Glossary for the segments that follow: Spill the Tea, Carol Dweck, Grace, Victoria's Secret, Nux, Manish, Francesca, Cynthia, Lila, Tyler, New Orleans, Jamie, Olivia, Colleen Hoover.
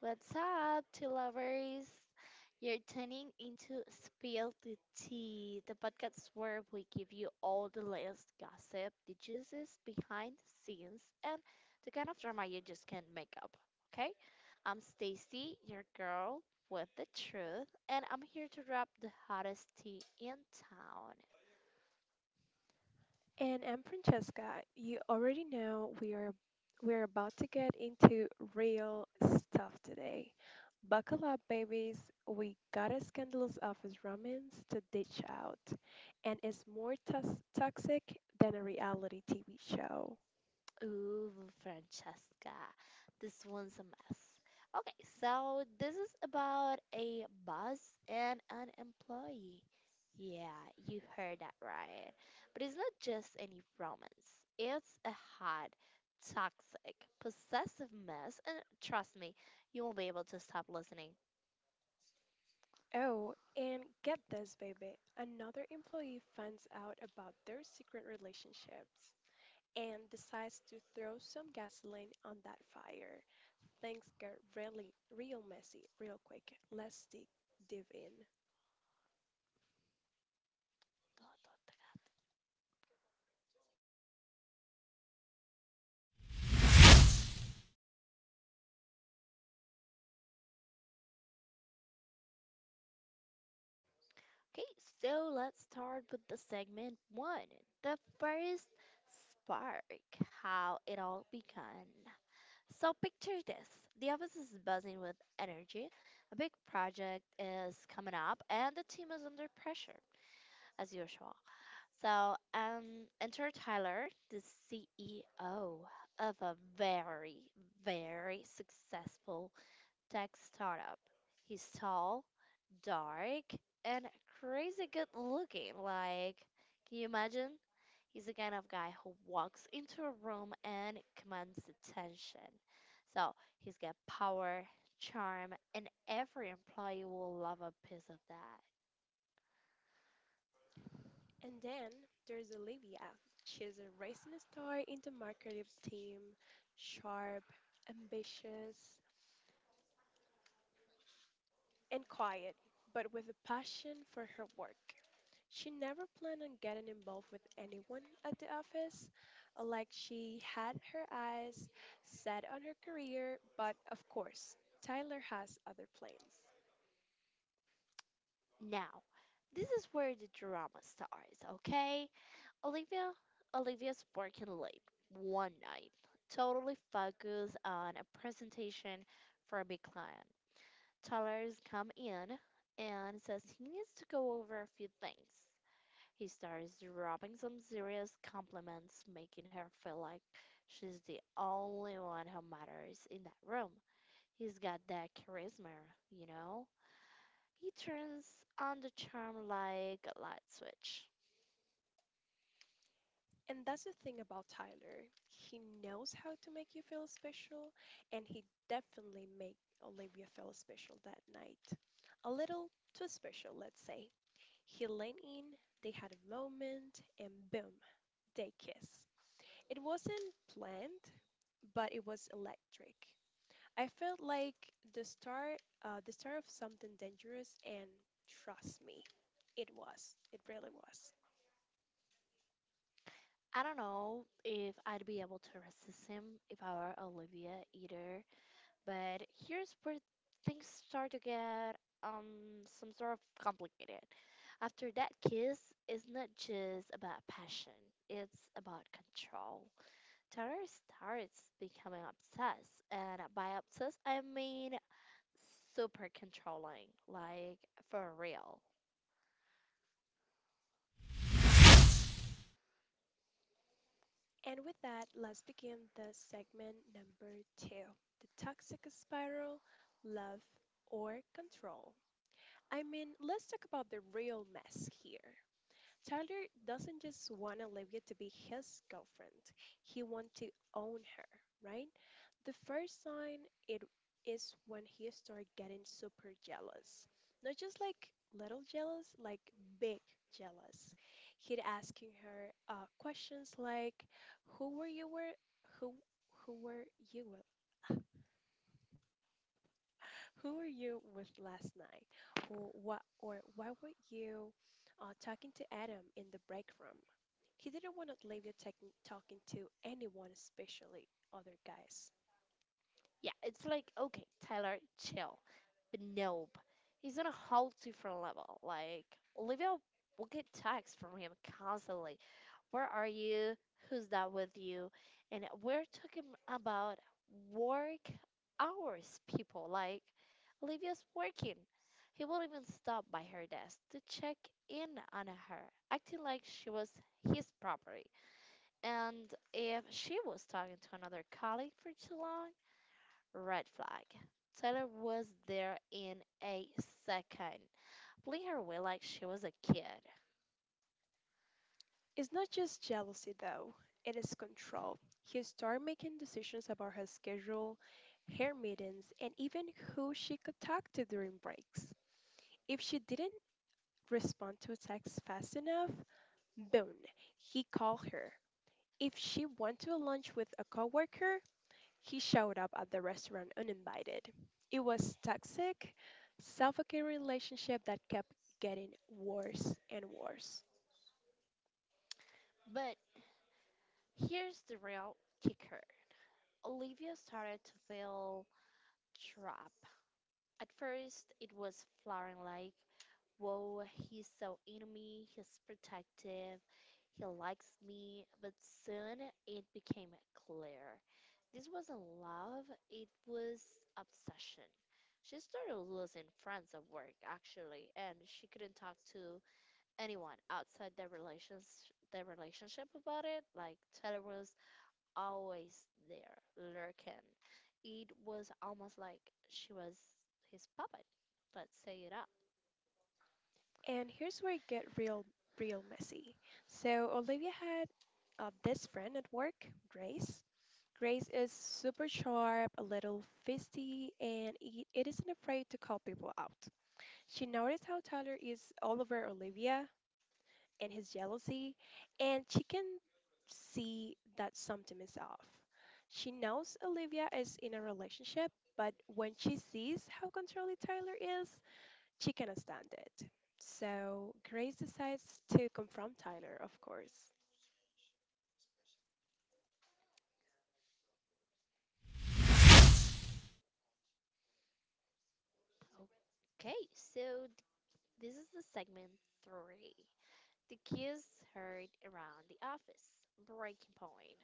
What's up, tea lovers? You're tuning into Spill the Tea, the podcast where we give you all the latest gossip, the juices behind the scenes, and the kind of drama you just can't make up. Okay? I'm Stacy, your girl with the truth, and I'm here to wrap the hottest tea in town. And I'm Francesca. You already know we're about to get into real stuff today. Buckle up, babies. We got a scandalous office romance to ditch out, and it's more toxic than a reality TV show. Ooh, Francesca, this one's a mess. Okay, so this is about a boss and an employee. Yeah, you heard that right. But it's not just any romance, it's a hot, toxic, possessive mess. And trust me, you won't be able to stop listening. Oh, and get this, baby. Another employee finds out about their secret relationships and decides to throw some gasoline on that fire. Things get real messy real quick. Dive in. Okay, so let's start with the segment one, the first spark, how it all began. So picture this. The office is buzzing with energy. A big project is coming up and the team is under pressure as usual. So enter Tyler, the CEO of a very, very successful tech startup. He's tall, dark, and crazy good looking. Like, can you imagine? He's the kind of guy who walks into a room and commands attention. So he's got power, charm, and every employee will love a piece of that. And then there's Olivia. She's a racing star in the marketing team, sharp, ambitious, and quiet, but with a passion for her work. She never planned on getting involved with anyone at the office. Like she had her eyes set on her career, but of course, Tyler has other plans. Now, this is where the drama starts, okay? Olivia Olivia's working late one night, totally focused on a presentation for a big client. Tyler's come in and says he needs to go over a few things. He starts dropping some serious compliments, making her feel like she's the only one who matters in that room. He's got that charisma, you know? He turns on the charm like a light switch. And that's the thing about Tyler. He knows how to make you feel special, and he definitely made Olivia feel special that night. A little too special, let's say. He leaned in, they had a moment, and boom, they kiss. It wasn't planned, but it was electric. I felt like the start, the start of something dangerous, and trust me, it was. It really was. I don't know if I'd be able to resist him if I were Olivia either, but here's where things start to get um some sort of complicated. After that kiss is not just about passion, it's about control. Tanner starts becoming obsessed, and by obsessed, I mean super controlling, like for real. And with that, let's begin the segment number two, the toxic spiral, love or control. I mean, let's talk about the real mess here. Tyler doesn't just want Olivia to be his girlfriend, he wants to own her, right? The first sign it is when he start getting super jealous. Not just like little jealous, like big jealous. He'd asking her questions like, "Who were you were who who were you with? Who were you with last night? Or what or why were you talking to Adam in the break room?" He didn't want Olivia taking talking to anyone, especially other guys. Yeah, it's like, okay, Tyler, chill. But nope, he's on a whole different level. Like, Olivia will get texts from him constantly. Where are you? Who's that with you? And we're talking about work hours, people. Like, Olivia's working. He will even stop by her desk to check in on her, acting like she was his property. And if she was talking to another colleague for too long, red flag. Taylor was there in a second, playing her way like she was a kid. It's not just jealousy, though, it is control. He started making decisions about her schedule, her meetings, and even who she could talk to during breaks. If she didn't respond to a text fast enough, boom, he called her. If she went to a lunch with a coworker, he showed up at the restaurant uninvited. It was toxic, suffocating relationship that kept getting worse and worse. But here's the real kicker. Olivia started to feel trapped. At first, it was flaring like, whoa, he's so into me, he's protective, he likes me, but soon it became clear. This wasn't love, it was obsession. She started losing friends at work, actually, and she couldn't talk to anyone outside their relationship about it. Like Taylor was always there, lurking. It was almost like she was his puppet. Let's say it out. And here's where it get real messy. So Olivia had this friend at work, Grace. Grace is super sharp, a little feisty, and it isn't afraid to call people out. She noticed how Tyler is all over Olivia and his jealousy, and she can see that something is off. She knows Olivia is in a relationship, but when she sees how controlling Tyler is, she cannot stand it. So Grace decides to confront Tyler, of course. Okay, so this is the segment three. The kids heard around the office. Breaking point.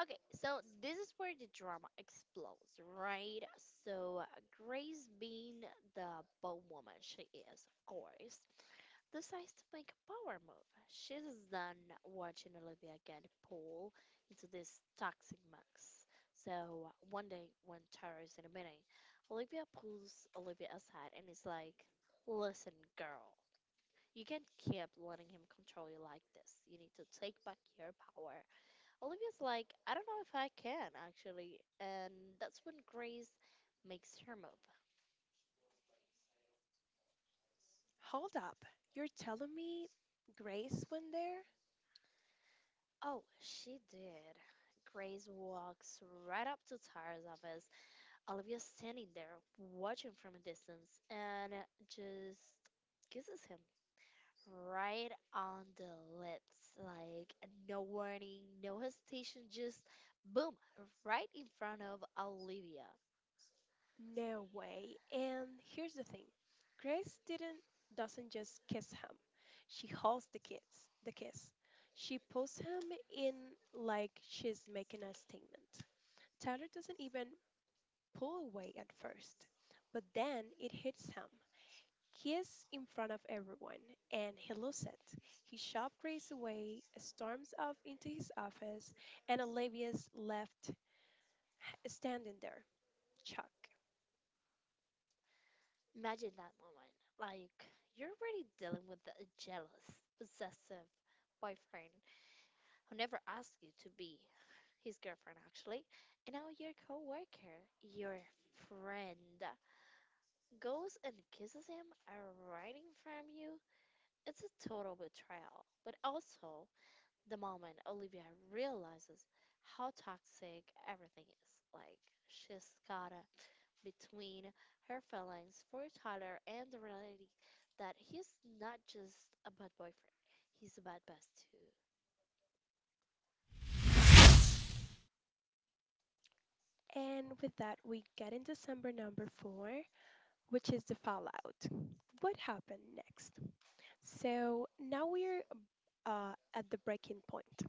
Okay, so this is where the drama explodes, right? So Grace, being the bow woman she is, of course, decides to make a power move. She's done watching Olivia get pulled into this toxic mess. So one day, when Tara is in a meeting, Olivia pulls Olivia aside and is like, "Listen, girl, you can't keep letting him control you like this. You need to take back your power." Olivia's like, "I don't know if I can, actually." And that's when Grace makes her move. Hold up, you're telling me Grace went there? Oh, she did. Grace walks right up to Tara's office. Olivia's standing there, watching from a distance, and just kisses him right on the lips. Like, no warning, no hesitation, just boom, right in front of Olivia. No way. And here's the thing. Grace didn't doesn't just kiss him. She holds the kiss. She pulls him in like she's making a statement. Tyler doesn't even pull away at first, but then it hits him. He in front of everyone, and he loses it. His shop races away, storms off into his office, and Olivia's left standing there, Chuck. Imagine that moment. Like, you're already dealing with a jealous, possessive boyfriend who never asked you to be his girlfriend, actually. And now your coworker, your friend, goes and kisses him and running from you. It's a total betrayal. But also, the moment Olivia realizes how toxic everything is, like she's caught between her feelings for Tyler and the reality that he's not just a bad boyfriend, he's a bad boss too. And with that, we get into December number four, which is the fallout. What happened next? So now we're at the breaking point.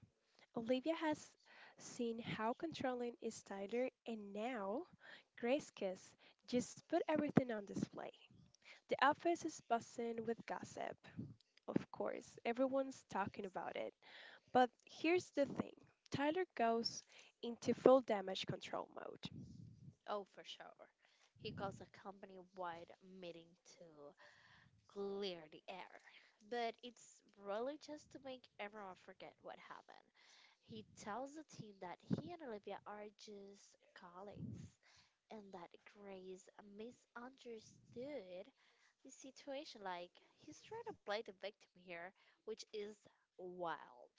Olivia has seen how controlling is Tyler, and now Grace Kiss just put everything on display. The office is buzzing with gossip, of course. Everyone's talking about it. But here's the thing, Tyler goes into full damage control mode. Oh, for sure. He calls a company wide meeting to clear the air. But it's really just to make everyone forget what happened. He tells the team that he and Olivia are just colleagues and that Grace misunderstood the situation. Like, he's trying to play the victim here, which is wild.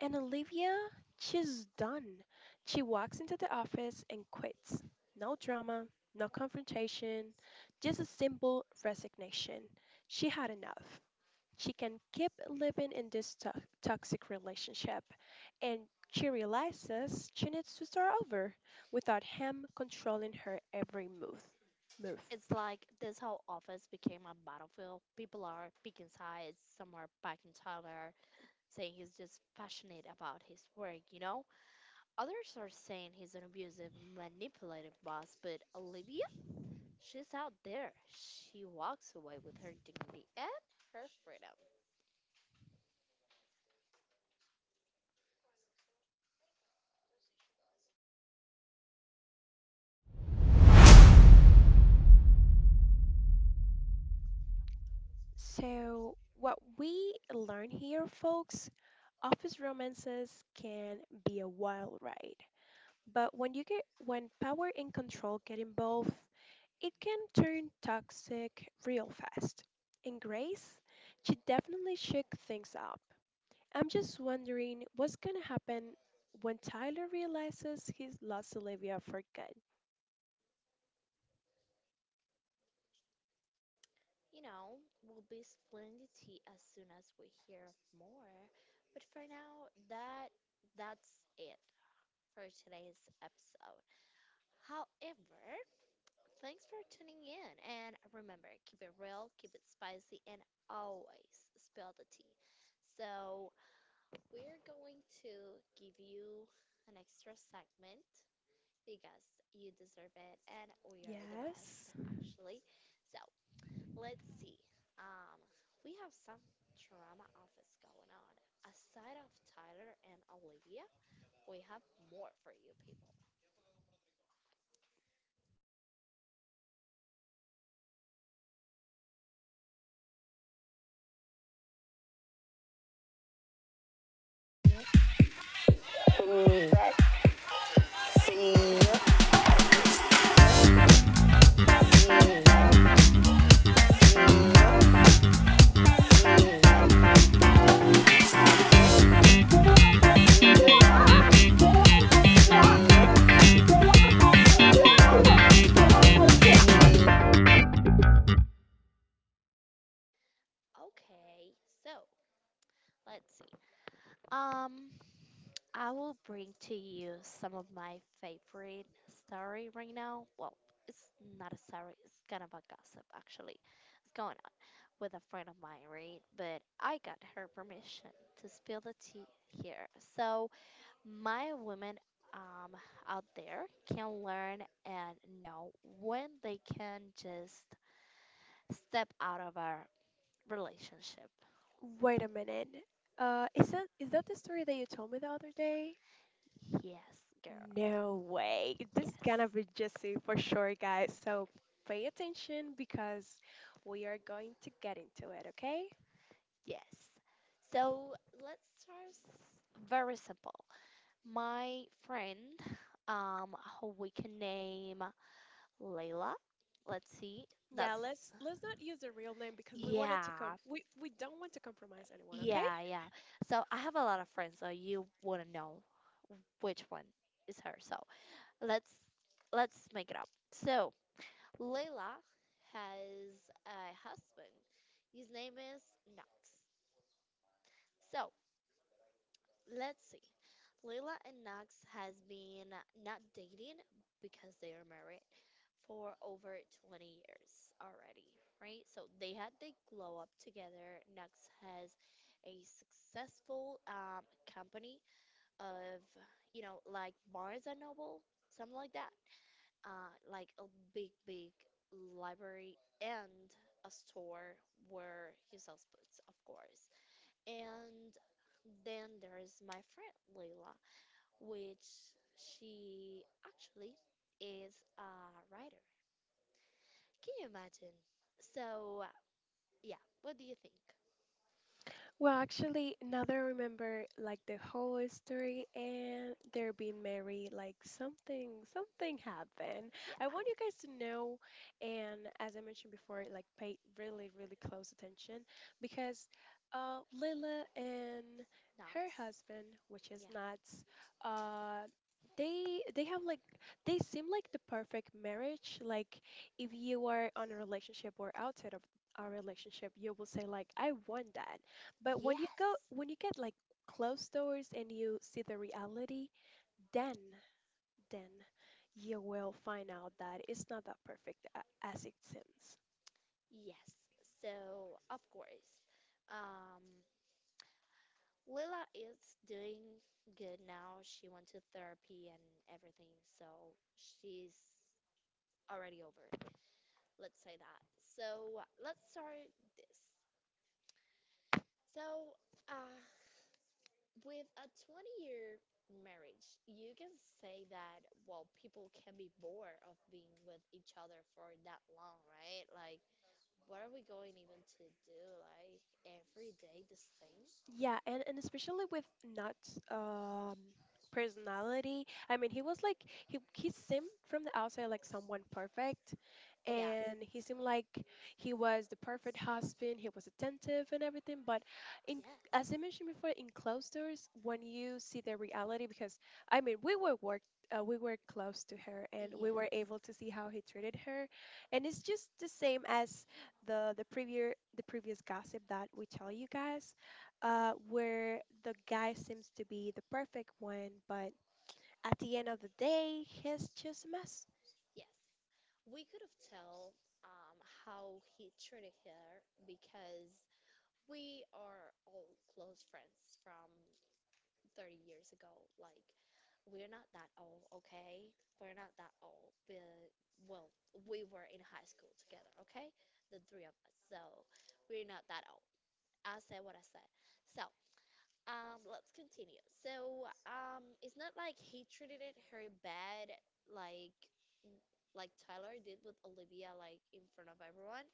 And Olivia, she's done. She walks into the office and quits. No drama, no confrontation, just a simple resignation. She had enough. She can keep living in this toxic relationship and she realizes she needs to start over without him controlling her every move. It's like this whole office became a battlefield. People are picking sides, some are backing Tyler, saying he's just passionate about his work, you know? Others are saying he's an abusive, manipulative boss, but Olivia, she's out there. She walks away with her dignity and her freedom. So, what we learn here, folks, office romances can be a wild ride. But when power and control get involved, it can turn toxic real fast. And Grace, she definitely shook things up. I'm just wondering what's gonna happen when Tyler realizes he's lost Olivia for good. You know, we'll be splitting the tea as soon as we hear more. But for now, that's it for today's episode. However, thanks for tuning in and remember, keep it real, keep it spicy, and always spill the tea. So we're going to give you an extra segment because you deserve it and we are the Yes. best, actually. So, let's see. Um, we have some drama office going on. Aside of Tyler and Olivia, we have more for you people. Okay, so let's see. Um, I will bring to you some of my favorite story right now. Well, it's not a story, it's kind of a gossip actually. It's going on with a friend of mine, right? But I got her permission to spill the tea here. So my women um, out there can learn and know when they can just step out of our relationship. Wait a minute. Is that is that the story that you told me the other day? Yes, girl. No way. This is Yes. gonna be Jesse for sure, guys. So pay attention because we are going to get into it, okay? Yes. So let's start very simple. My friend, who we can name Layla. Let's see. Yeah, That's let's not use a real name because yeah, we don't want to compromise anyone, okay? yeah, yeah. So I have a lot of friends, so you wouldn't know which one is her. So let's let's make it up. So Layla has a husband. His name is Knox. So let's see. Lila and Knox has been not dating because they are married for over 20 years already, right? So they glow up together. Knox has a successful company of, you know, like Barnes and Noble, something like that. Like a big, big library and a store where he sells books, of course. And then there's my friend Layla which she actually is a writer. Can you imagine? So, yeah, what do you think? Well, actually, now that I remember, like the whole story and they're being married, like something happened. Yeah, I want you guys to know, and as I mentioned before, like pay really, really close attention because Lila and her Knox. husband, which is Yeah. Nuts, uh, they have like they seem like the perfect marriage. Like if you are on a relationship or outside of a relationship, you will say like, I want that, but Yes. when you get like closed doors and you see the reality, then, then you will find out that it's not that perfect as it seems. Yes. So, of course. Um, Lila is doing good now. She went to therapy and everything, so she's already over. Let's say that. So let's start this. So, uh, with a 20-year year marriage, you can say that, well, people can be bored of being with each other for that long, right? Like, what are we going even to do? Like, every day the same? Yeah, and especially with Nut's personality. I mean, he was like he seemed from the outside like someone perfect, Yes. and he seemed like he was the perfect husband. He was attentive and everything. But in Yes. as I mentioned before, Yes. in closed doors, when you see the reality, because I mean, we were worked. We were close to her and we were able to see how he treated her, and it's just the same as the previous gossip that we tell you guys where the guy seems to be the perfect one, but at the end of the day, he's just a mess. Yes. We could have tell um, how he treated her because we are all close friends from 30 years ago. Like, we're not that old, okay? We're not that old. But, well, we were in high school together, okay? The three of us. So, we're not that old. I said what I said. So, let's continue. So, it's not like he treated it her bad. Like, like Tyler did with Olivia, like in front of everyone.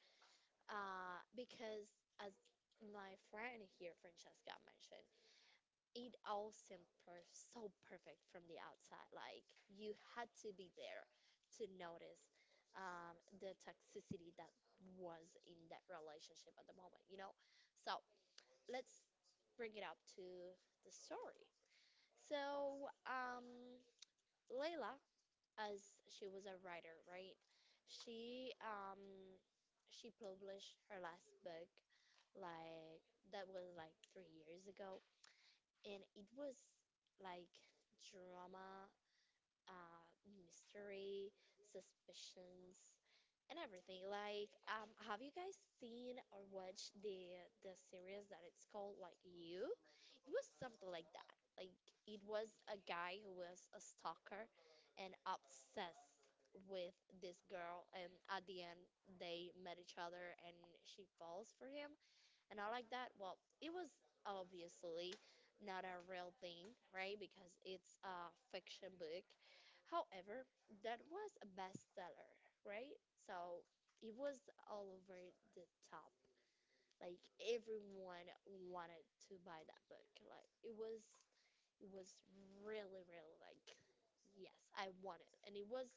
Because as my friend here, Francesca, mentioned, it all seemed so perfect from the outside. Like you had to be there to notice the toxicity that was in that relationship at the moment, you know? So let's bring it up to the story. So, Layla, as she was a writer, right? She she published her last book, like that was like 3 years ago, and it was like drama, uh, mystery, suspicions, and everything. Like, have you guys seen or watched the series that it's called, like, You? It was something like that. Like, it was a guy who was a stalker and obsessed with this girl, and at the end they met each other, and she falls for him and all like that. Well, it was obviously not a real thing, right? Because it's a fiction book. However, that was a bestseller, right? So it was all over the top. Like everyone wanted to buy that book. Like it was really, really like, yes, I want it. And it was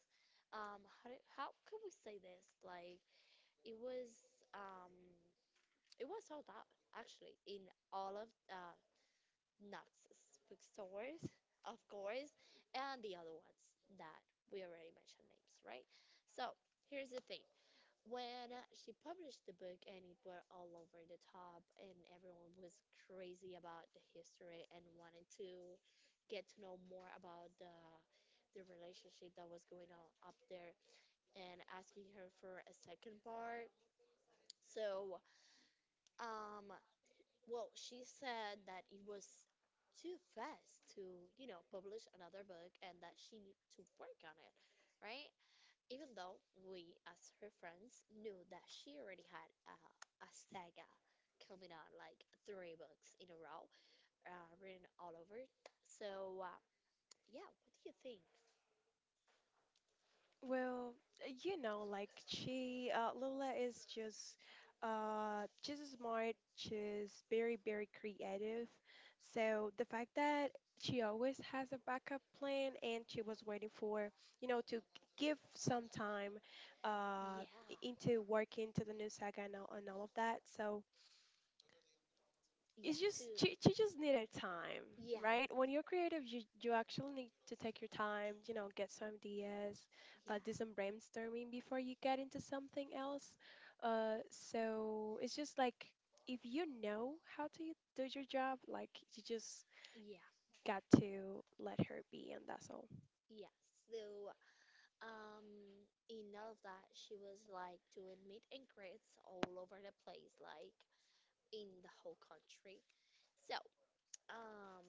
how do, how could we say this? Like it was um it was sold out actually in all of Knox's bookstores, of course, and the other ones that we already mentioned names, right? So here's the thing: when she published the book, and it went all over the top, and everyone was crazy about the history and wanted to get to know more about the relationship that was going on up there, and asking her for a second part. So um, well, she said that it was too fast to, you know, publish another book and that she needed to work on it, right? Even though we, as her friends, knew that she already had a saga coming on, like three books in a row, written all over. So, yeah, what do you think? Well, you know, like Lola is just smart. She's very, very creative. So the fact that she always has a backup plan and she was waiting for, you know, to give some time, Yeah, uh, into working to the new saga and all of that. So, it's just you just need a time yeah, right when to, you're yeah. creative you actually need to take your time, you know, get some ideas, Yeah. Do some brainstorming before you get into something else. So it's just like if you know how to do your job, like you just Yeah, got to let her be and that's all. yeah. So, in all of that, she was like doing meet and greets all over the place, like in the whole country. So, um,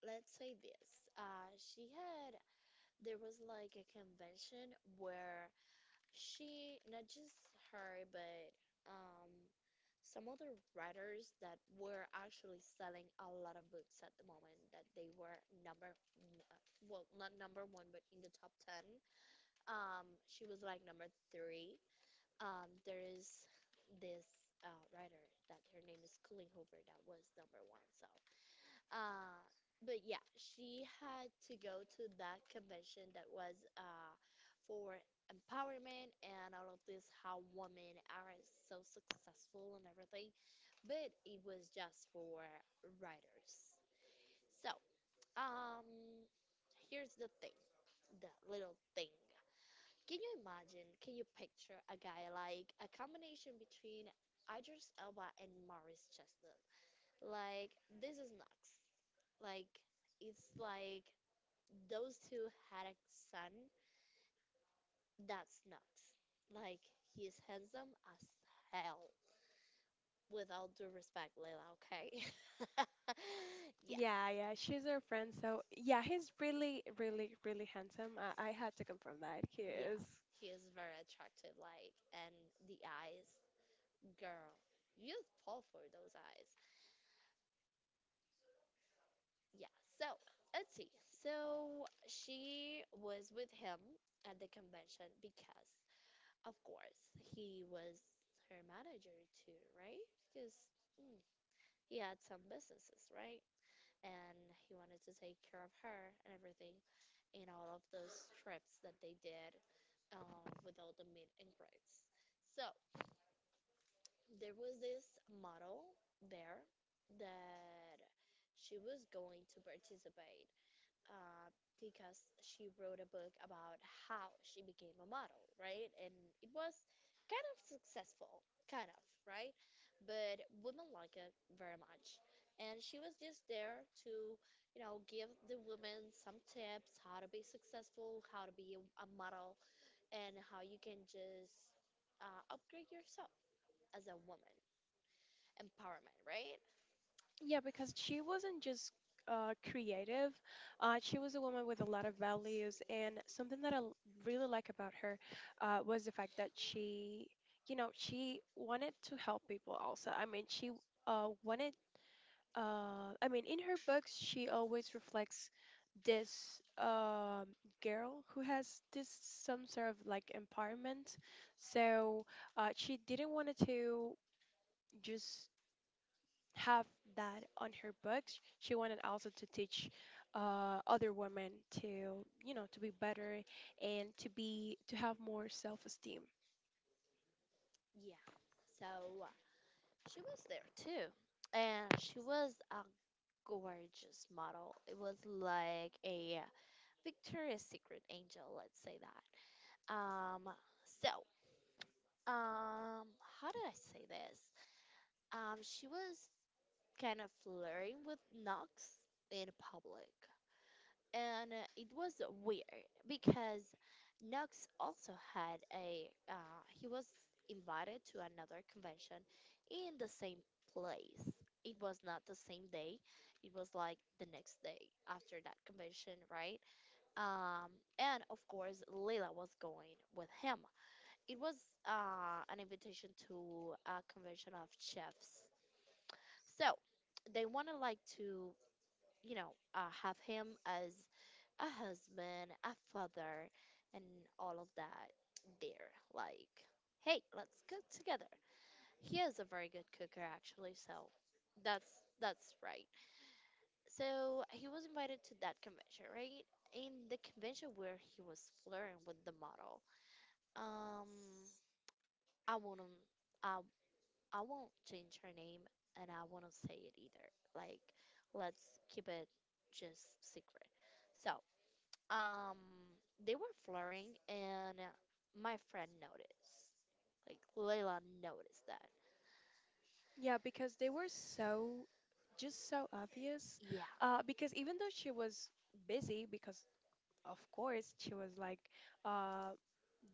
let's say this. There was like a convention where she, not just her, but um, some other writers that were actually selling a lot of books at the moment that they were well, not number one, but in the top 10. She was like number three. There is this writer that her name is Colleen Hoover, that was number one. So, uh, but yeah, she had to go to that convention that was for empowerment and all of this, how women are so successful and everything. But it was just for writers. So, um, here's the thing, the little thing. Can you imagine? Can you picture a guy like a combination between Idris Elba and Maurice Chestnut? Like, this is nuts. Like, it's like those two had a son, that's Nux. Like, he's handsome as hell. With all due respect, Layla, okay? Yes. Yeah, yeah, she's our friend, so yeah, he's really, really, really handsome. I had to confirm that he Yeah, is. he is very attractive, like, and the eyes, girl, you just fall for those eyes. Yeah, so let's see. So she was with him at the convention because, of course, he was her manager too, right? Because mm, he had some businesses, right? And he wanted to take care of her and everything in all of those trips that they did, with all the meet and greets. So there was this model there that she was going to participate, uh, because she wrote a book about how she became a model, right? And it was kind of successful, kind of, right? But women like it very much. And she was just there to give the women some tips: how to be successful, how to be a model, and how you can just upgrade yourself as a woman. Empowerment, right? Yeah, because she wasn't just creative. She was a woman with a lot of values, and something that really like about her, was the fact that she, you know, she wanted to help people also. I mean, uh, wanted, I mean, in her books, she always reflects this girl who has this some sort of like empowerment. So she didn't want to just have that on her books. She wanted also to teach other women to, you know, to be better and to have more self-esteem. Yeah. So she was there too. And she was a gorgeous model. It was like a, Victoria's Secret angel, let's say that. Um, so, um, how do I say this? She was kind of flirting with Knox in public, and it was weird because Knox also had a, he was invited to another convention in the same place. It was not the same day. It was like the next day after that convention, right? Um, and of course, Leila was going with him. It was an invitation to a convention of chefs. So they wanted like to, have him as a husband, a father, and all of that there. Like, hey, let's cook together. He is a very good cooker, actually, so that's right. So he was invited to that convention, right? In the convention where he was flirting with the model. Um, I wouldn't, I, I won't change her name, and I wouldn't say it either. Like, let's keep it just secret. So, Um, they were flirting, and my friend noticed. Like, Layla noticed that. Yeah, because they were just so obvious. Yeah, Because even though she was busy, because of course she was like uh,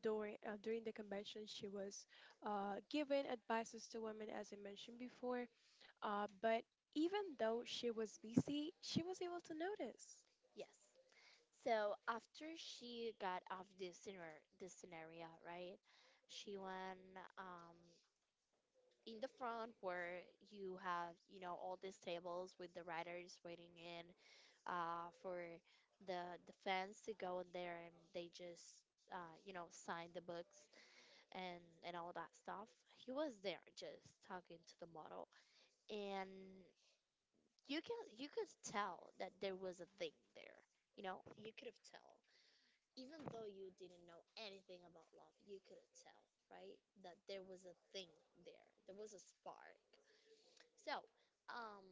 during the convention, she was giving advices to women, as I mentioned before. But even though she was busy, she was able to notice. yes. So after she got off this scenario, right? She went in the front where you have all these tables with the riders waiting in, for the fans to go in there, and they just sign the books, and all that stuff. He was there just talking to the model, and you could tell that there was a thing there. You know, you could have tell, even though you didn't know anything about love, you could tell, right? That there was a thing there. There was a spark. So, um,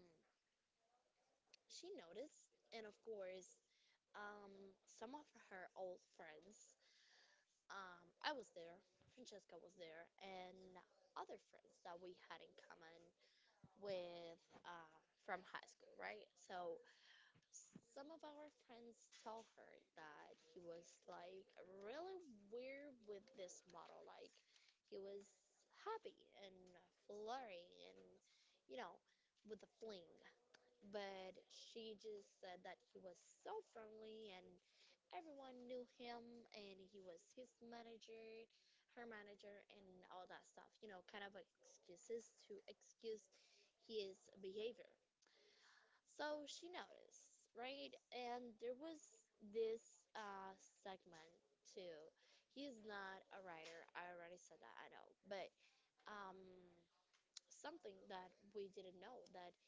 she noticed, and of course, um, some of her old friends. I was there. Francesca was there, and other friends that we had in common with from high school, right? So some of our friends tell her that he was like really weird with this model. Like, he was happy and flirting and you know with a fling, but she just said that he was so friendly, and everyone knew him, and he was her manager, and all that stuff. You know, kind of excuses to excuse his behavior. So she noticed, right? And there was this segment too. He's not a writer. I already said that, I know. But um, something that we didn't know, that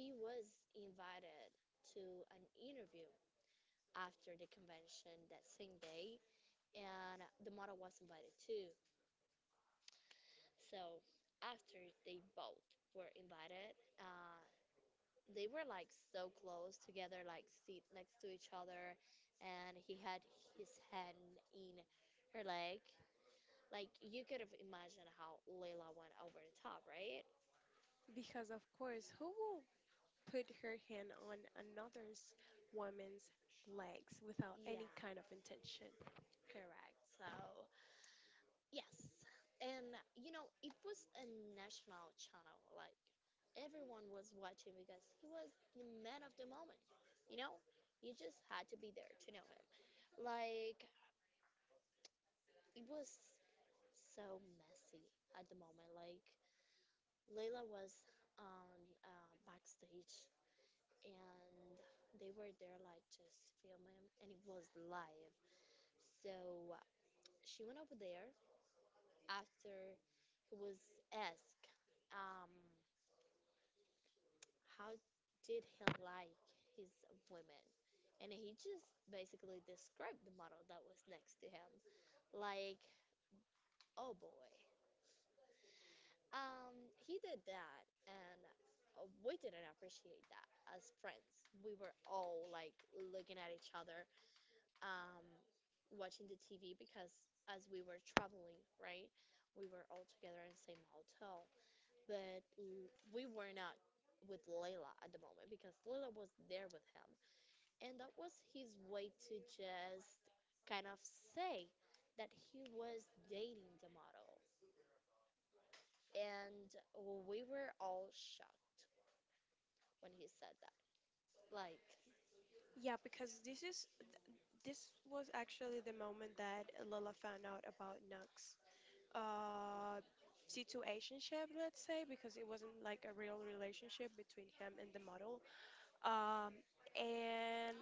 he was invited to an interview after the convention that same day, and the model was invited too. So after they both were invited, they were like so close together, like seat next to each other, and he had his hand in her leg. Like, you could have imagined how Layla went over the top, right? Because, of course, who will put her hand on another woman's legs without any Yeah, kind of intention? correct. So yes, and it was a national channel. Like, everyone was watching because he was the man of the moment. You know, you just had to be there to know him. Like, it was so messy at the moment. Like, Layla was on backstage, and they were there like just filming, and it was live. So she went over there after he was asked, Um, how did he like his women? And he just basically described the model that was next to him. Like, oh boy. He did that, and we didn't appreciate that as friends. We were all like looking at each other, um, watching the TV because, as we were traveling, right? We were all together in the same hotel, but we were not with Layla at the moment because Layla was there with him. And that was his way to just kind of say that he was dating the model. And we were all shocked when he said that. Like, Yeah, because this was actually the moment that Lola found out about Nux. Uh Situationship, let's say, because it wasn't like a real relationship between him and the model. Um and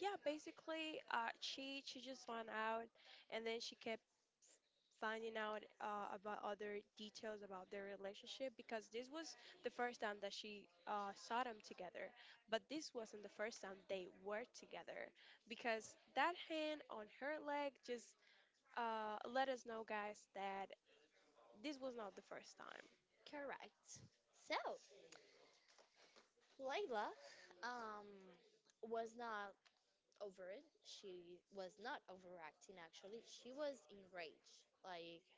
yeah, basically, she just found out, and then she kept f- finding out about other details about their relationship because this was the first time that she saw them together, but this wasn't the first time they were together, because that hand on her leg just let us know, guys, that this was not the first time. correct. So, Layla, um, was not over it. She was not overacting, actually. She was enraged. Like,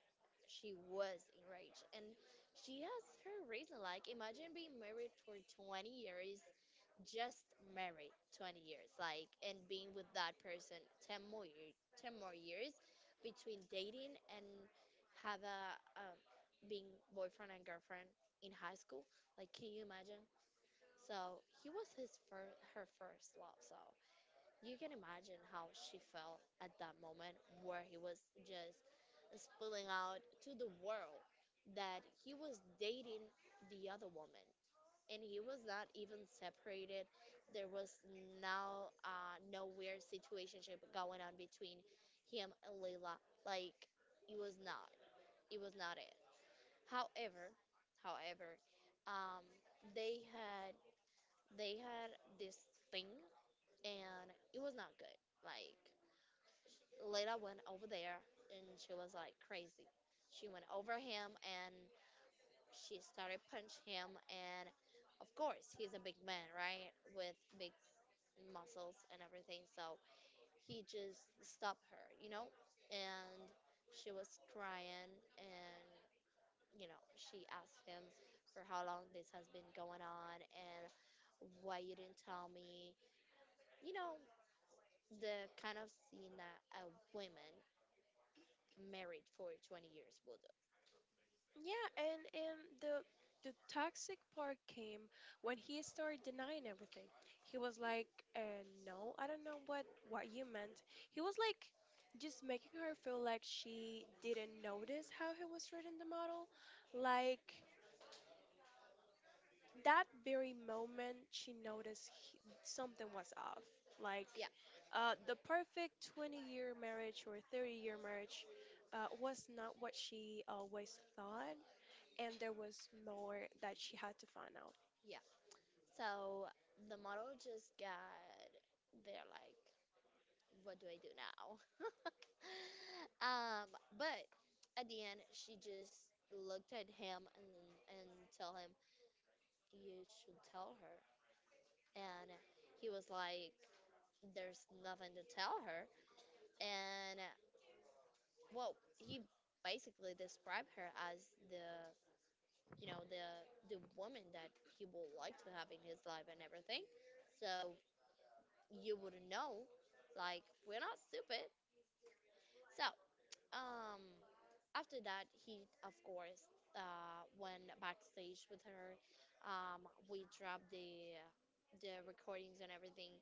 she was enraged, and she has her reason. Like, imagine being married for 20 years, just married 20 years, like, and being with that person 10 more years, 10 more years between dating and have a being boyfriend and girlfriend in high school. Like, can you imagine? So he was his first, her first love. So you can imagine how she felt at that moment, where he was just spilling out to the world that he was dating the other woman, and he was not even separated. There was now no weird situationship going on between him and Leila. Like, it was not. It was not it. However, however um, they had they had this thing, and it was not good. Like, Layla went over there, and she was like crazy. She went over him and she started punch him, and of course he's a big man, right? With big muscles and everything. So he just stopped her, you know? And she was crying and, she asked him for how long this has been going on, and why you didn't tell me. You know, the kind of scene that a woman married for 20 years we'll do. Yeah, and the toxic part came when he started denying everything. He was like, "No, I don't know what you meant." He was like, just making her feel like she didn't notice how he was treating the model. Like that very moment, she noticed something was off. Like, Yeah, the perfect 20-year marriage or 30-year marriage was not what she always thought and there was more that she had to find out. yeah. So the model just got, they're like, what do I do now? um, but at the end, she just looked at him, and tell him, you should tell her. And he was like, there's nothing to tell her. And, well, he basically described her as the you know the woman that he would like to have in his life and everything. So you wouldn't know, like, we're not stupid. So, um after that, he of course went backstage with her. We dropped the recordings and everything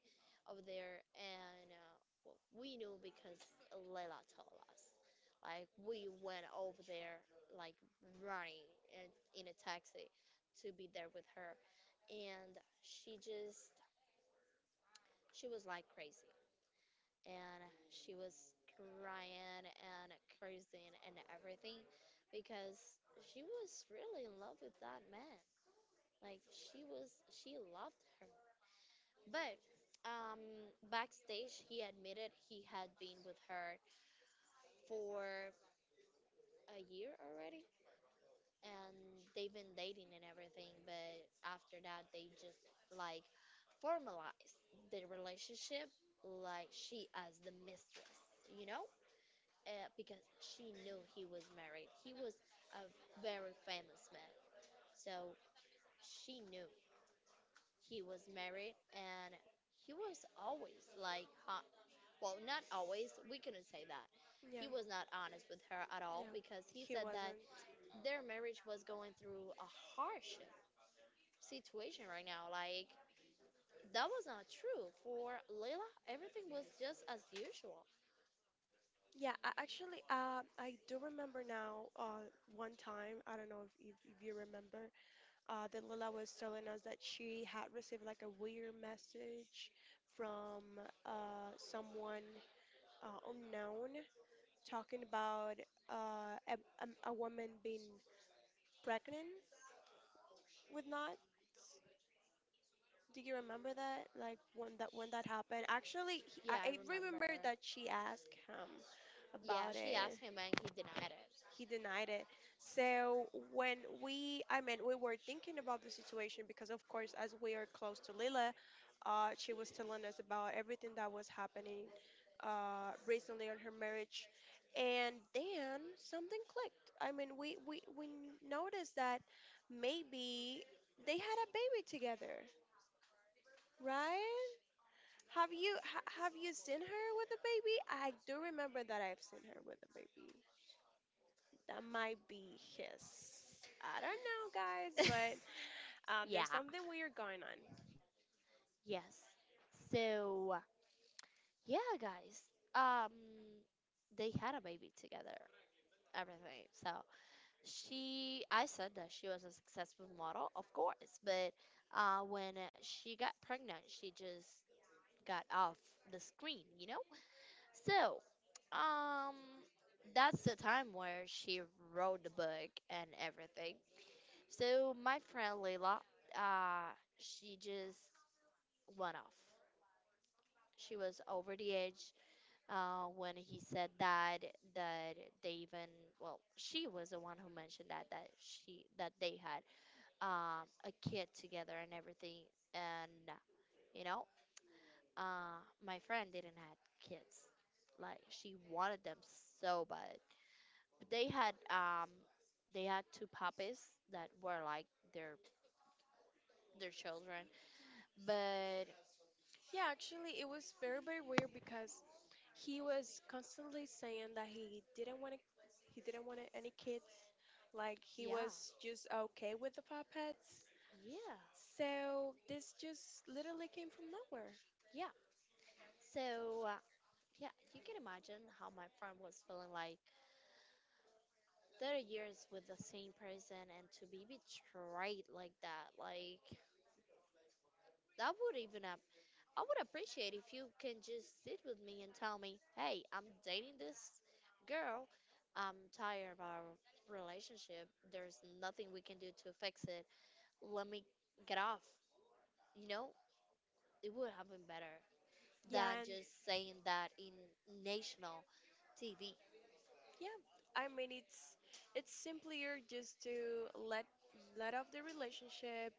over there, and well, we knew because Layla told us, like, we went over there like running in a taxi to be there with her. And she was like crazy, and she was crying and cursing and everything because she was really in love with that man. Like, she loved her. But um backstage, he admitted he had been with her for a year already, and they've been dating and everything, but after that they just like formalize the relationship, like she as the mistress, you know? Because she knew he was married. He was a very famous man. So she knew he was married, and he was always like hot. Well, not always. We couldn't say that. Yeah. He was not honest with her at all Yeah. because he He said wasn't. that their marriage was going through a hardship situation right now. Like, that was not true for Layla. Everything was just as usual. Yeah, I actually, I do remember now. One time, I don't know if you remember, that Lila was telling us that she had received like a weird message from someone unknown talking about uh, a, a woman being pregnant with Nod. Do you remember that? Like when that happened? Actually, Yeah, I I remember. remember that she asked him Yeah, about she it. asked him and he denied it. He denied it. So when we, I mean, we were thinking about the situation because, of course, as we are close to Lila, she was telling us about everything that was happening recently on her marriage, and then something clicked. I mean, we noticed that maybe they had a baby together, right? Have you ha have you seen her with a baby? I do remember that I've seen her with a baby. That might be his. I don't know, guys, but Yeah. there's something weird going on. Yes. So, yeah, guys. Um they had a baby together, everything. So, she I said that she was a successful model, of course, but when she got pregnant, she just got off the screen, you know? So, um, that's the time where she wrote the book and everything. So my friend Leila, uh, she just went off. She was over the edge when he said that they even, well, she was the one who mentioned that she that they had a kid together and everything. And you know my friend didn't have kids, like she wanted them so bad. But they had two puppies that were like their their children. But Yeah, actually, it was very, very weird because he was constantly saying that he didn't want any kids. Like he yeah, was just okay with the puppets. yeah, So this just literally came from nowhere. yeah. So uh, yeah, you can imagine how my friend was feeling, like 30 years with the same person and to be betrayed like that. Like that would even up. I would appreciate if you can just sit with me and tell me, hey, I'm dating this girl. I'm tired of our relationship. There's nothing we can do to fix it, let me get off. You know, it would have been better Yeah, than and just saying that in national TV. yeah, I mean it's simpler just to let let off the relationship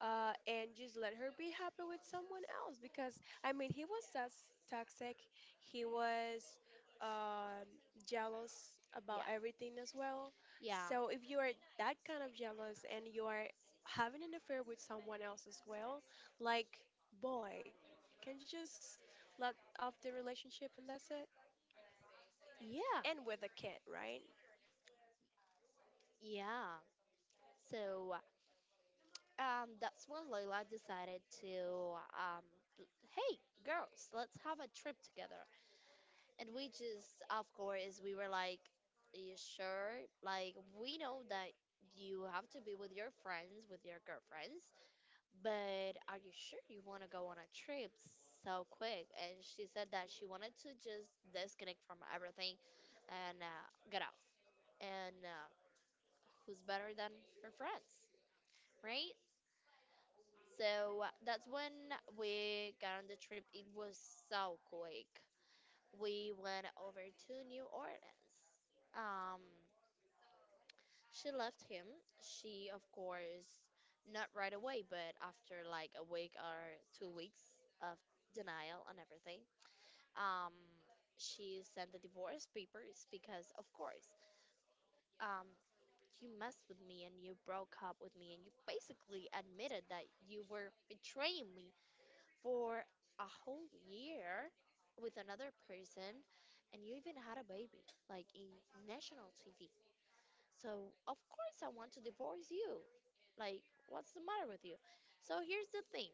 and just let her be happy with someone else because I mean he was toxic, he was um, jealous about Yeah. everything as well. Yeah. So if you are that kind of jealous and you are having an affair with someone else as well, like boy, can you just let off the relationship and that's it? Yeah. And with a kid, right? Yeah. So, that's when Layla decided to, hey, girls, let's have a trip together. And we just, of course, we were like, you sure? Like, we know that you have to be with your friends, with your girlfriends, but are you sure you want to go on a trip so quick? And she said that she wanted to just disconnect from everything and get off. And who's better than her friends, right? So that's when we got on the trip. It was so quick. We went over to New Orleans. Um, she left him. She, of course, not right away, but after like a week or 2 weeks of denial and everything, um, she sent the divorce papers because, of course, um, you messed with me and you broke up with me and you basically admitted that you were betraying me for a whole year with another person and you even had a baby like in national TV. So of course I want to divorce you. Like what's the matter with you? So here's the thing.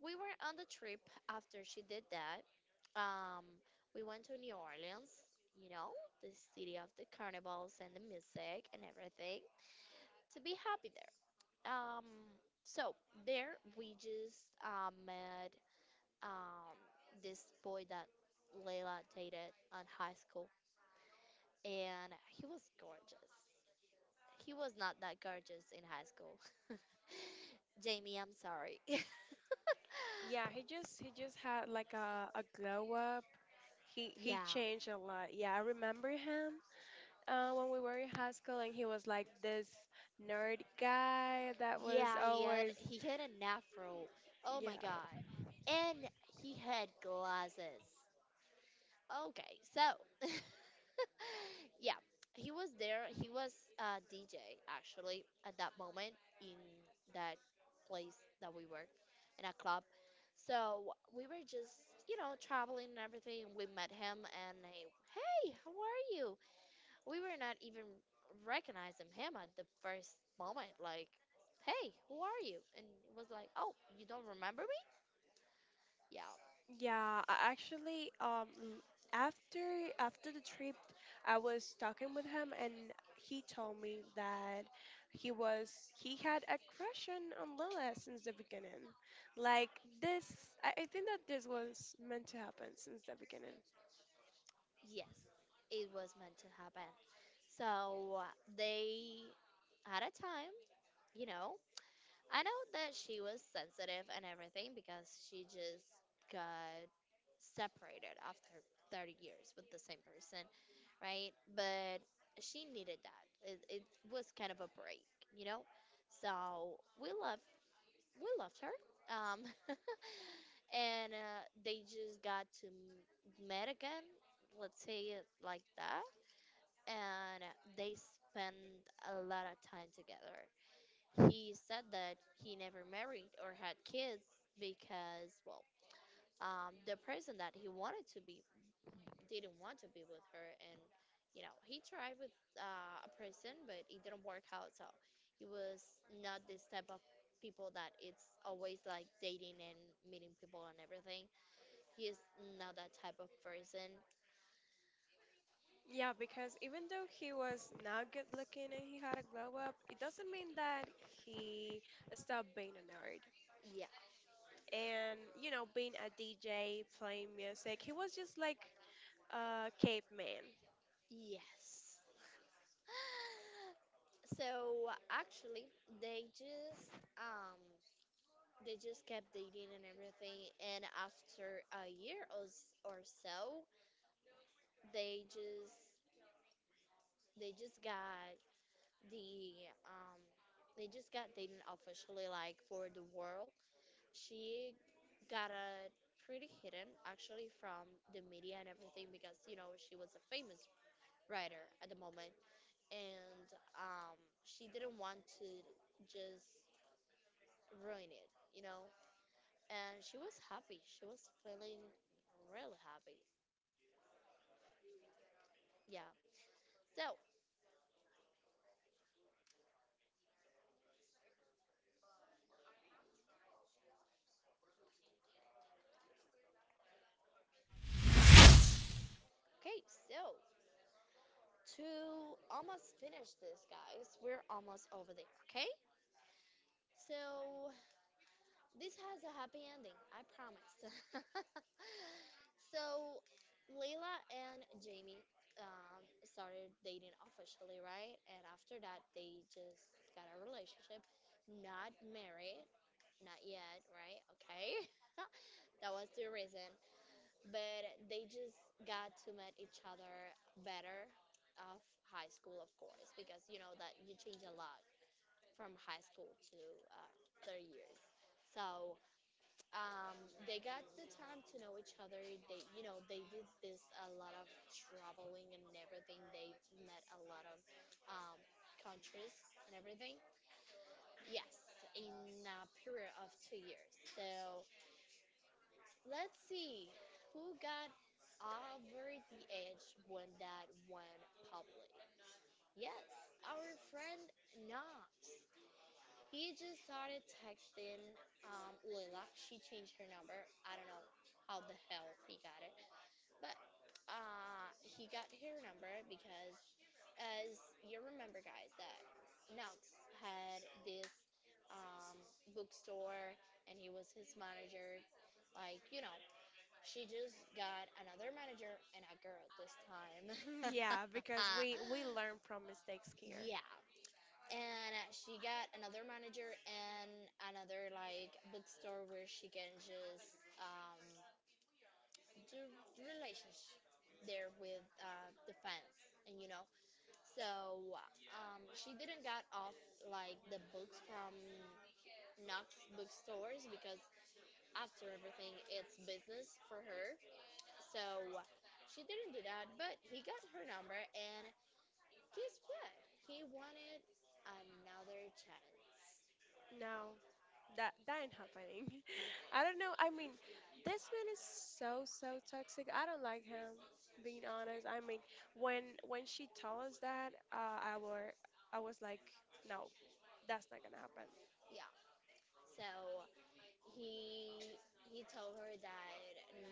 We were on the trip after she did that. Um we went to New Orleans, you know, the city of the carnivals and the music and everything to be happy there. Um so there we just met um, this boy that Layla dated at high school, and he was gorgeous. He was not that gorgeous in high school. Jamie, I'm sorry. Yeah, he just had like a glow up. Yeah, He changed a lot. Yeah, I remember him when we were in high school, and he was like this nerd guy that was yeah, he had always he had an afro. Oh my yeah. god, and he had glasses. Okay, so yeah, he was there. He was a DJ actually at that moment in that place that we were, in a club. So we were just, you know, traveling and everything. We met him and he, hey, how are you? We were not even recognizing him at the first moment. Like, hey, who are you? And it was like, oh, you don't remember me? Yeah. Yeah, I actually after after the trip I was talking with him and he told me that he had a crush on Lila since the beginning. Like this I think that this was meant to happen since the beginning. Yes, it was meant to happen. So they had a time, you know. I know that she was sensitive and everything because she just got separated after 30 years with the same person, right? But she needed that. It was kind of a break, you know? So we loved her. Um, and they just met again, let's say it like that. And they spent a lot of time together. He said that he never married or had kids because, well, the person that he wanted to be didn't want to be with her. And you know, he tried with a person but it didn't work out, so he was not this type of people that it's always like dating and meeting people and everything. He is not that type of person. Yeah, because even though he was not good looking and he had a glow up, it doesn't mean that he stopped being a nerd. Yeah, And, you know, being a DJ, playing music, he was just like caveman. yes. So actually they just um they just kept dating and everything, and after a year or or so they just, they just got the they just got dated officially like for the world. She got a pretty hidden actually from the media and everything because, you know, she was a famous writer at the moment. And um she didn't want to just ruin it, you know. And she was happy. She was feeling really happy. Yeah. So, okay, so to almost finish this, guys, we're almost over there, okay? So, this has a happy ending, I promise. So, Layla and Jamie started dating officially, right? And after that, they just got a relationship. Not married, not yet, right? Okay. That was the reason. But they just got to meet each other better of high school, of course, because you know that you change a lot from high school to third years. So um, they got the time to know each other. They, you know, they did this a lot of traveling and everything. They met a lot of um, countries and everything. Yes, in a period of 2 years. So let's see who got over the edge when that went public. Yes, our friend Knox. He just started texting Lila. She changed her number. I don't know how the hell he got it, but he got her number because, as you remember, guys, that Knox had this um, bookstore and he was his manager. Like, you know, she just got another manager and a girl this time. Yeah, because we learn from mistakes here. Yeah, and she got another manager and another like bookstore where she can just do relationship there with the fans, and you know. So, she didn't got off like the books from Knox bookstores because after everything it's business for her. So she didn't do that, but he got her number and guess what, he wanted another chance. No, that ain't happening. I don't know. I mean, this man is so so toxic. I don't like him. Being honest, I mean, when she told us that, I was like, no, that's not gonna happen. Yeah. So he he told her that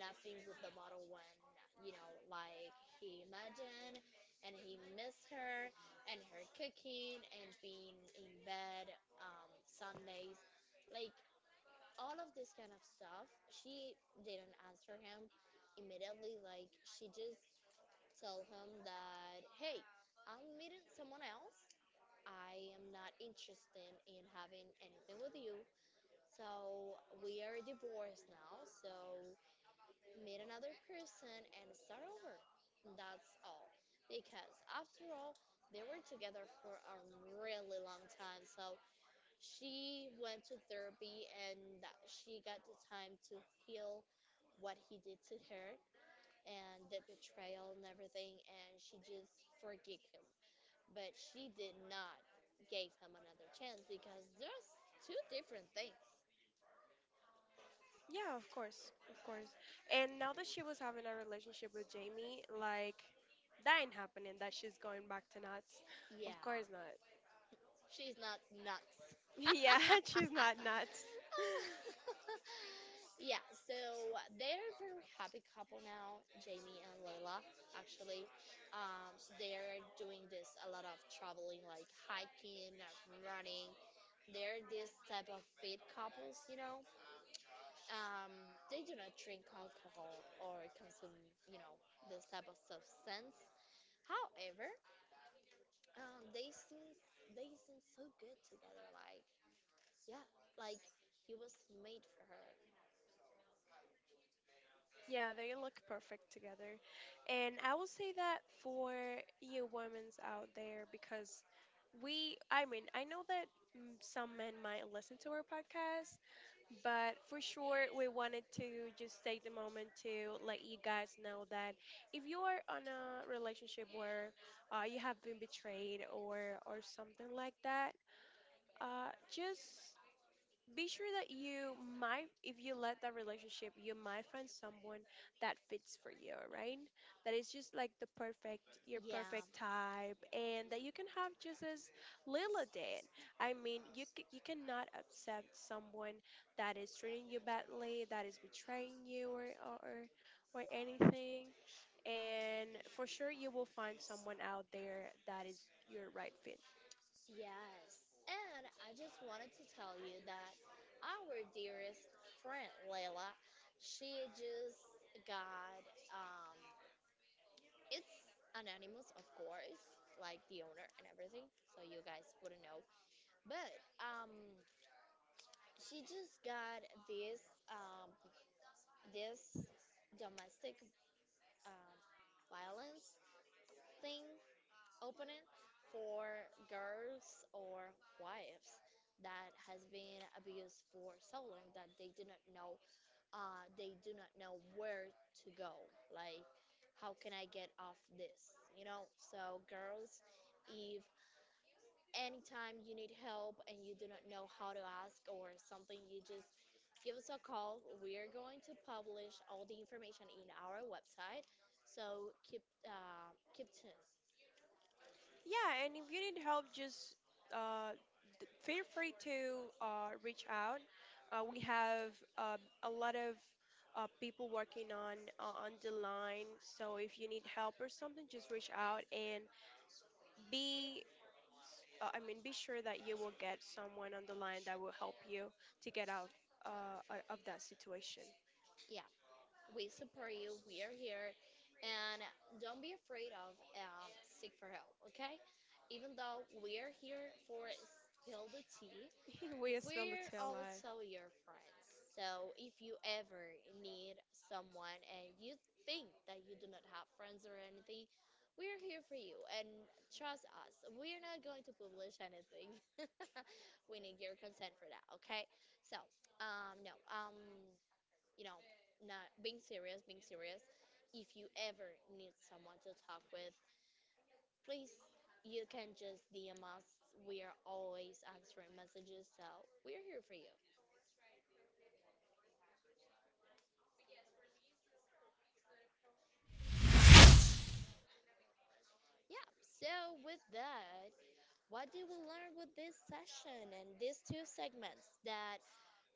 nothing with the model one, you know, like he imagined, and he missed her and her cooking and being in bed Sundays, like all of this kind of stuff. She didn't answer him immediately. Like she just told him that, hey, I'm meeting someone else. I am not interested in having anything with you. So we are divorced now, so meet another person and start over. That's all. Because after all, they were together for a really long time. So she went to therapy and that she got the time to heal what he did to her and the betrayal and everything, and she just forgave him. But she did not give him another chance because there's two different things. Yeah, of course, of course. And now that she was having a relationship with Jamie, like that ain't happening. That she's going back to nuts. Yeah. Of course not. She's not nuts. Yeah, she's not nuts. Yeah, so they're a very happy couple now, Jamie and Layla, actually. Um, they're doing this a lot of traveling, like hiking, running. They're this type of fit couples, you know. Um, they do not drink alcohol or consume, you know, this type of substance. However, they seem, they seem so good together. Like yeah, like he was made for her. Yeah, they look perfect together. And I will say that for you women's out there because I know that some men might listen to our podcast, but for sure, we wanted to just take the moment to let you guys know that if you are on a relationship where you have been betrayed or something like that, just be sure that you might, if you let that relationship, you might find someone that fits for you, right, that is just like the perfect your Yeah. perfect type and that you can have just as Lila did. I mean, you cannot accept someone that is treating you badly, that is betraying you or or anything, and for sure you will find someone out there that is your right fit. Yes. And I just wanted to tell you that our dearest friend Layla, she just got, um it's anonymous of course, like the owner and everything, so you guys wouldn't know. But um she just got this this domestic um violence thing opening for girls or wives that has been abused for so long that they do not know, they do not know where to go, like how can I get off this, you know. So girls, if anytime you need help and you do not know how to ask or something, you just give us a call. We are going to publish all the information in our website, so keep, keep tuned. Yeah, and if you need help, just uh, feel free to reach out. We have uh, a lot of people working on the line, so if you need help or something, just reach out and be. I mean, be sure that you will get someone on the line that will help you to get out of that situation. Yeah. We support you. We are here. And don't be afraid of seek for help, okay? Even though we are here for Spill the Tea, We are still the we're tail. also your friends. So if you ever need someone and you think that you do not have friends or anything, we're here for you and trust us. We're not going to publish anything. We need your consent for that, okay? So, no. You know, not being serious, being serious. If you ever need someone to talk with, please, you can just DM us. We are always answering messages, so we're here for you. Yeah, so with that, what did we learn with this session and these two segments? That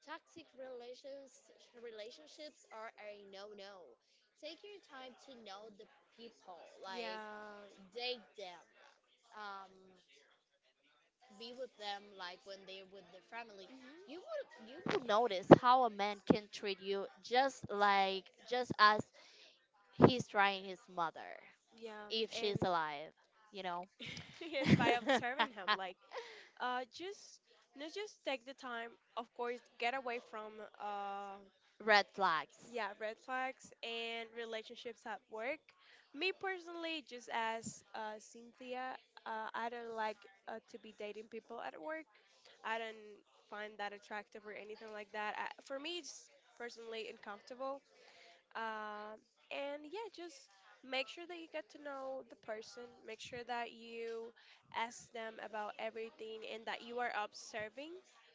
toxic relationships are a no-no. Take your time to know the people, like Yeah. date them. Um, be with them like when they're with their family. You Hmm. will, you will notice how a man can treat you just like just as he's trying his mother, Yeah, if and she's alive, you know. and by observing him, like just no, just take the time. Of course, get away from uh, Red flags. yeah, red flags and relationships at work. Me personally, just as Cynthia, I don't like to be dating people at work. I don't find that attractive or anything like that. For me, it's personally uncomfortable. Um, and yeah, just make sure that you get to know the person, make sure that you ask them about everything and that you are observing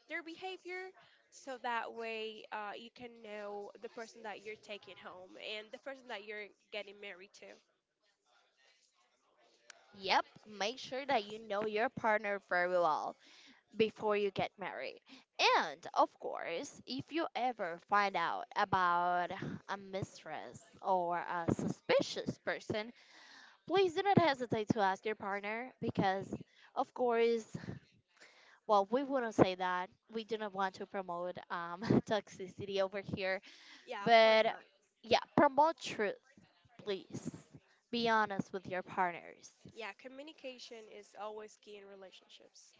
their behavior so that way you can know the person that you're taking home and the person that you're getting married to. Yep, make sure that you know your partner very well before you get married. And of course, if you ever find out about a mistress or a suspicious person, please do not hesitate to ask your partner because, of course, well, we wouldn't say that. We do not want to promote toxicity over here. Yeah, of course But not. yeah, promote truth, please. Be honest with your partners. Yeah, communication is always key in relationships.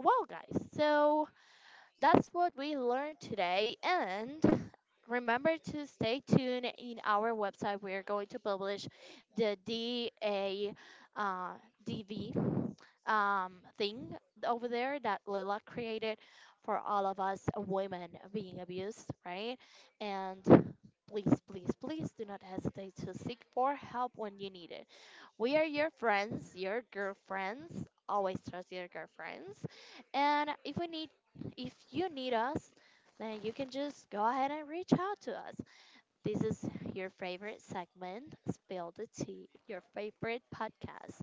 Well, guys, so that's what we learned today. And remember to stay tuned in our website. We're going to publish the DA, uh, DV um, thing over there that Lila created for all of us women being abused, right? And please, please, please do not hesitate to seek for help when you need it. We are your friends, your girlfriends. Always trust your girlfriends. And if we need if you need us, then you can just go ahead and reach out to us. This is your favorite segment, Spill the Tea, your favorite podcast.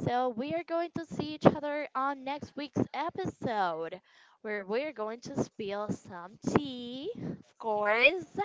So, we are going to see each other on next week's episode where we're going to spill some tea, of course.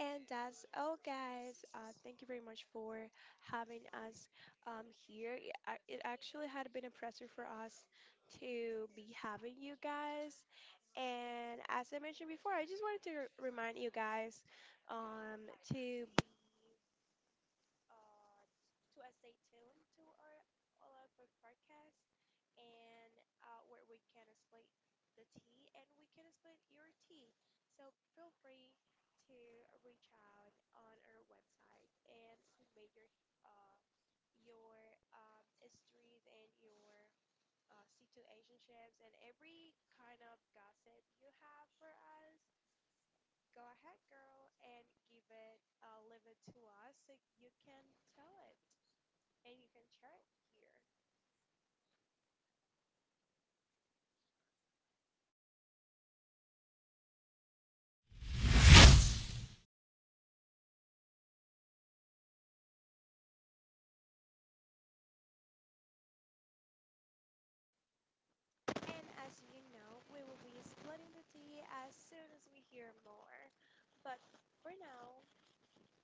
And that's all, guys. Thank you very much for having us here. It actually had been a pleasure for us to be having you guys. And as I mentioned before, I just wanted to remind you guys um, to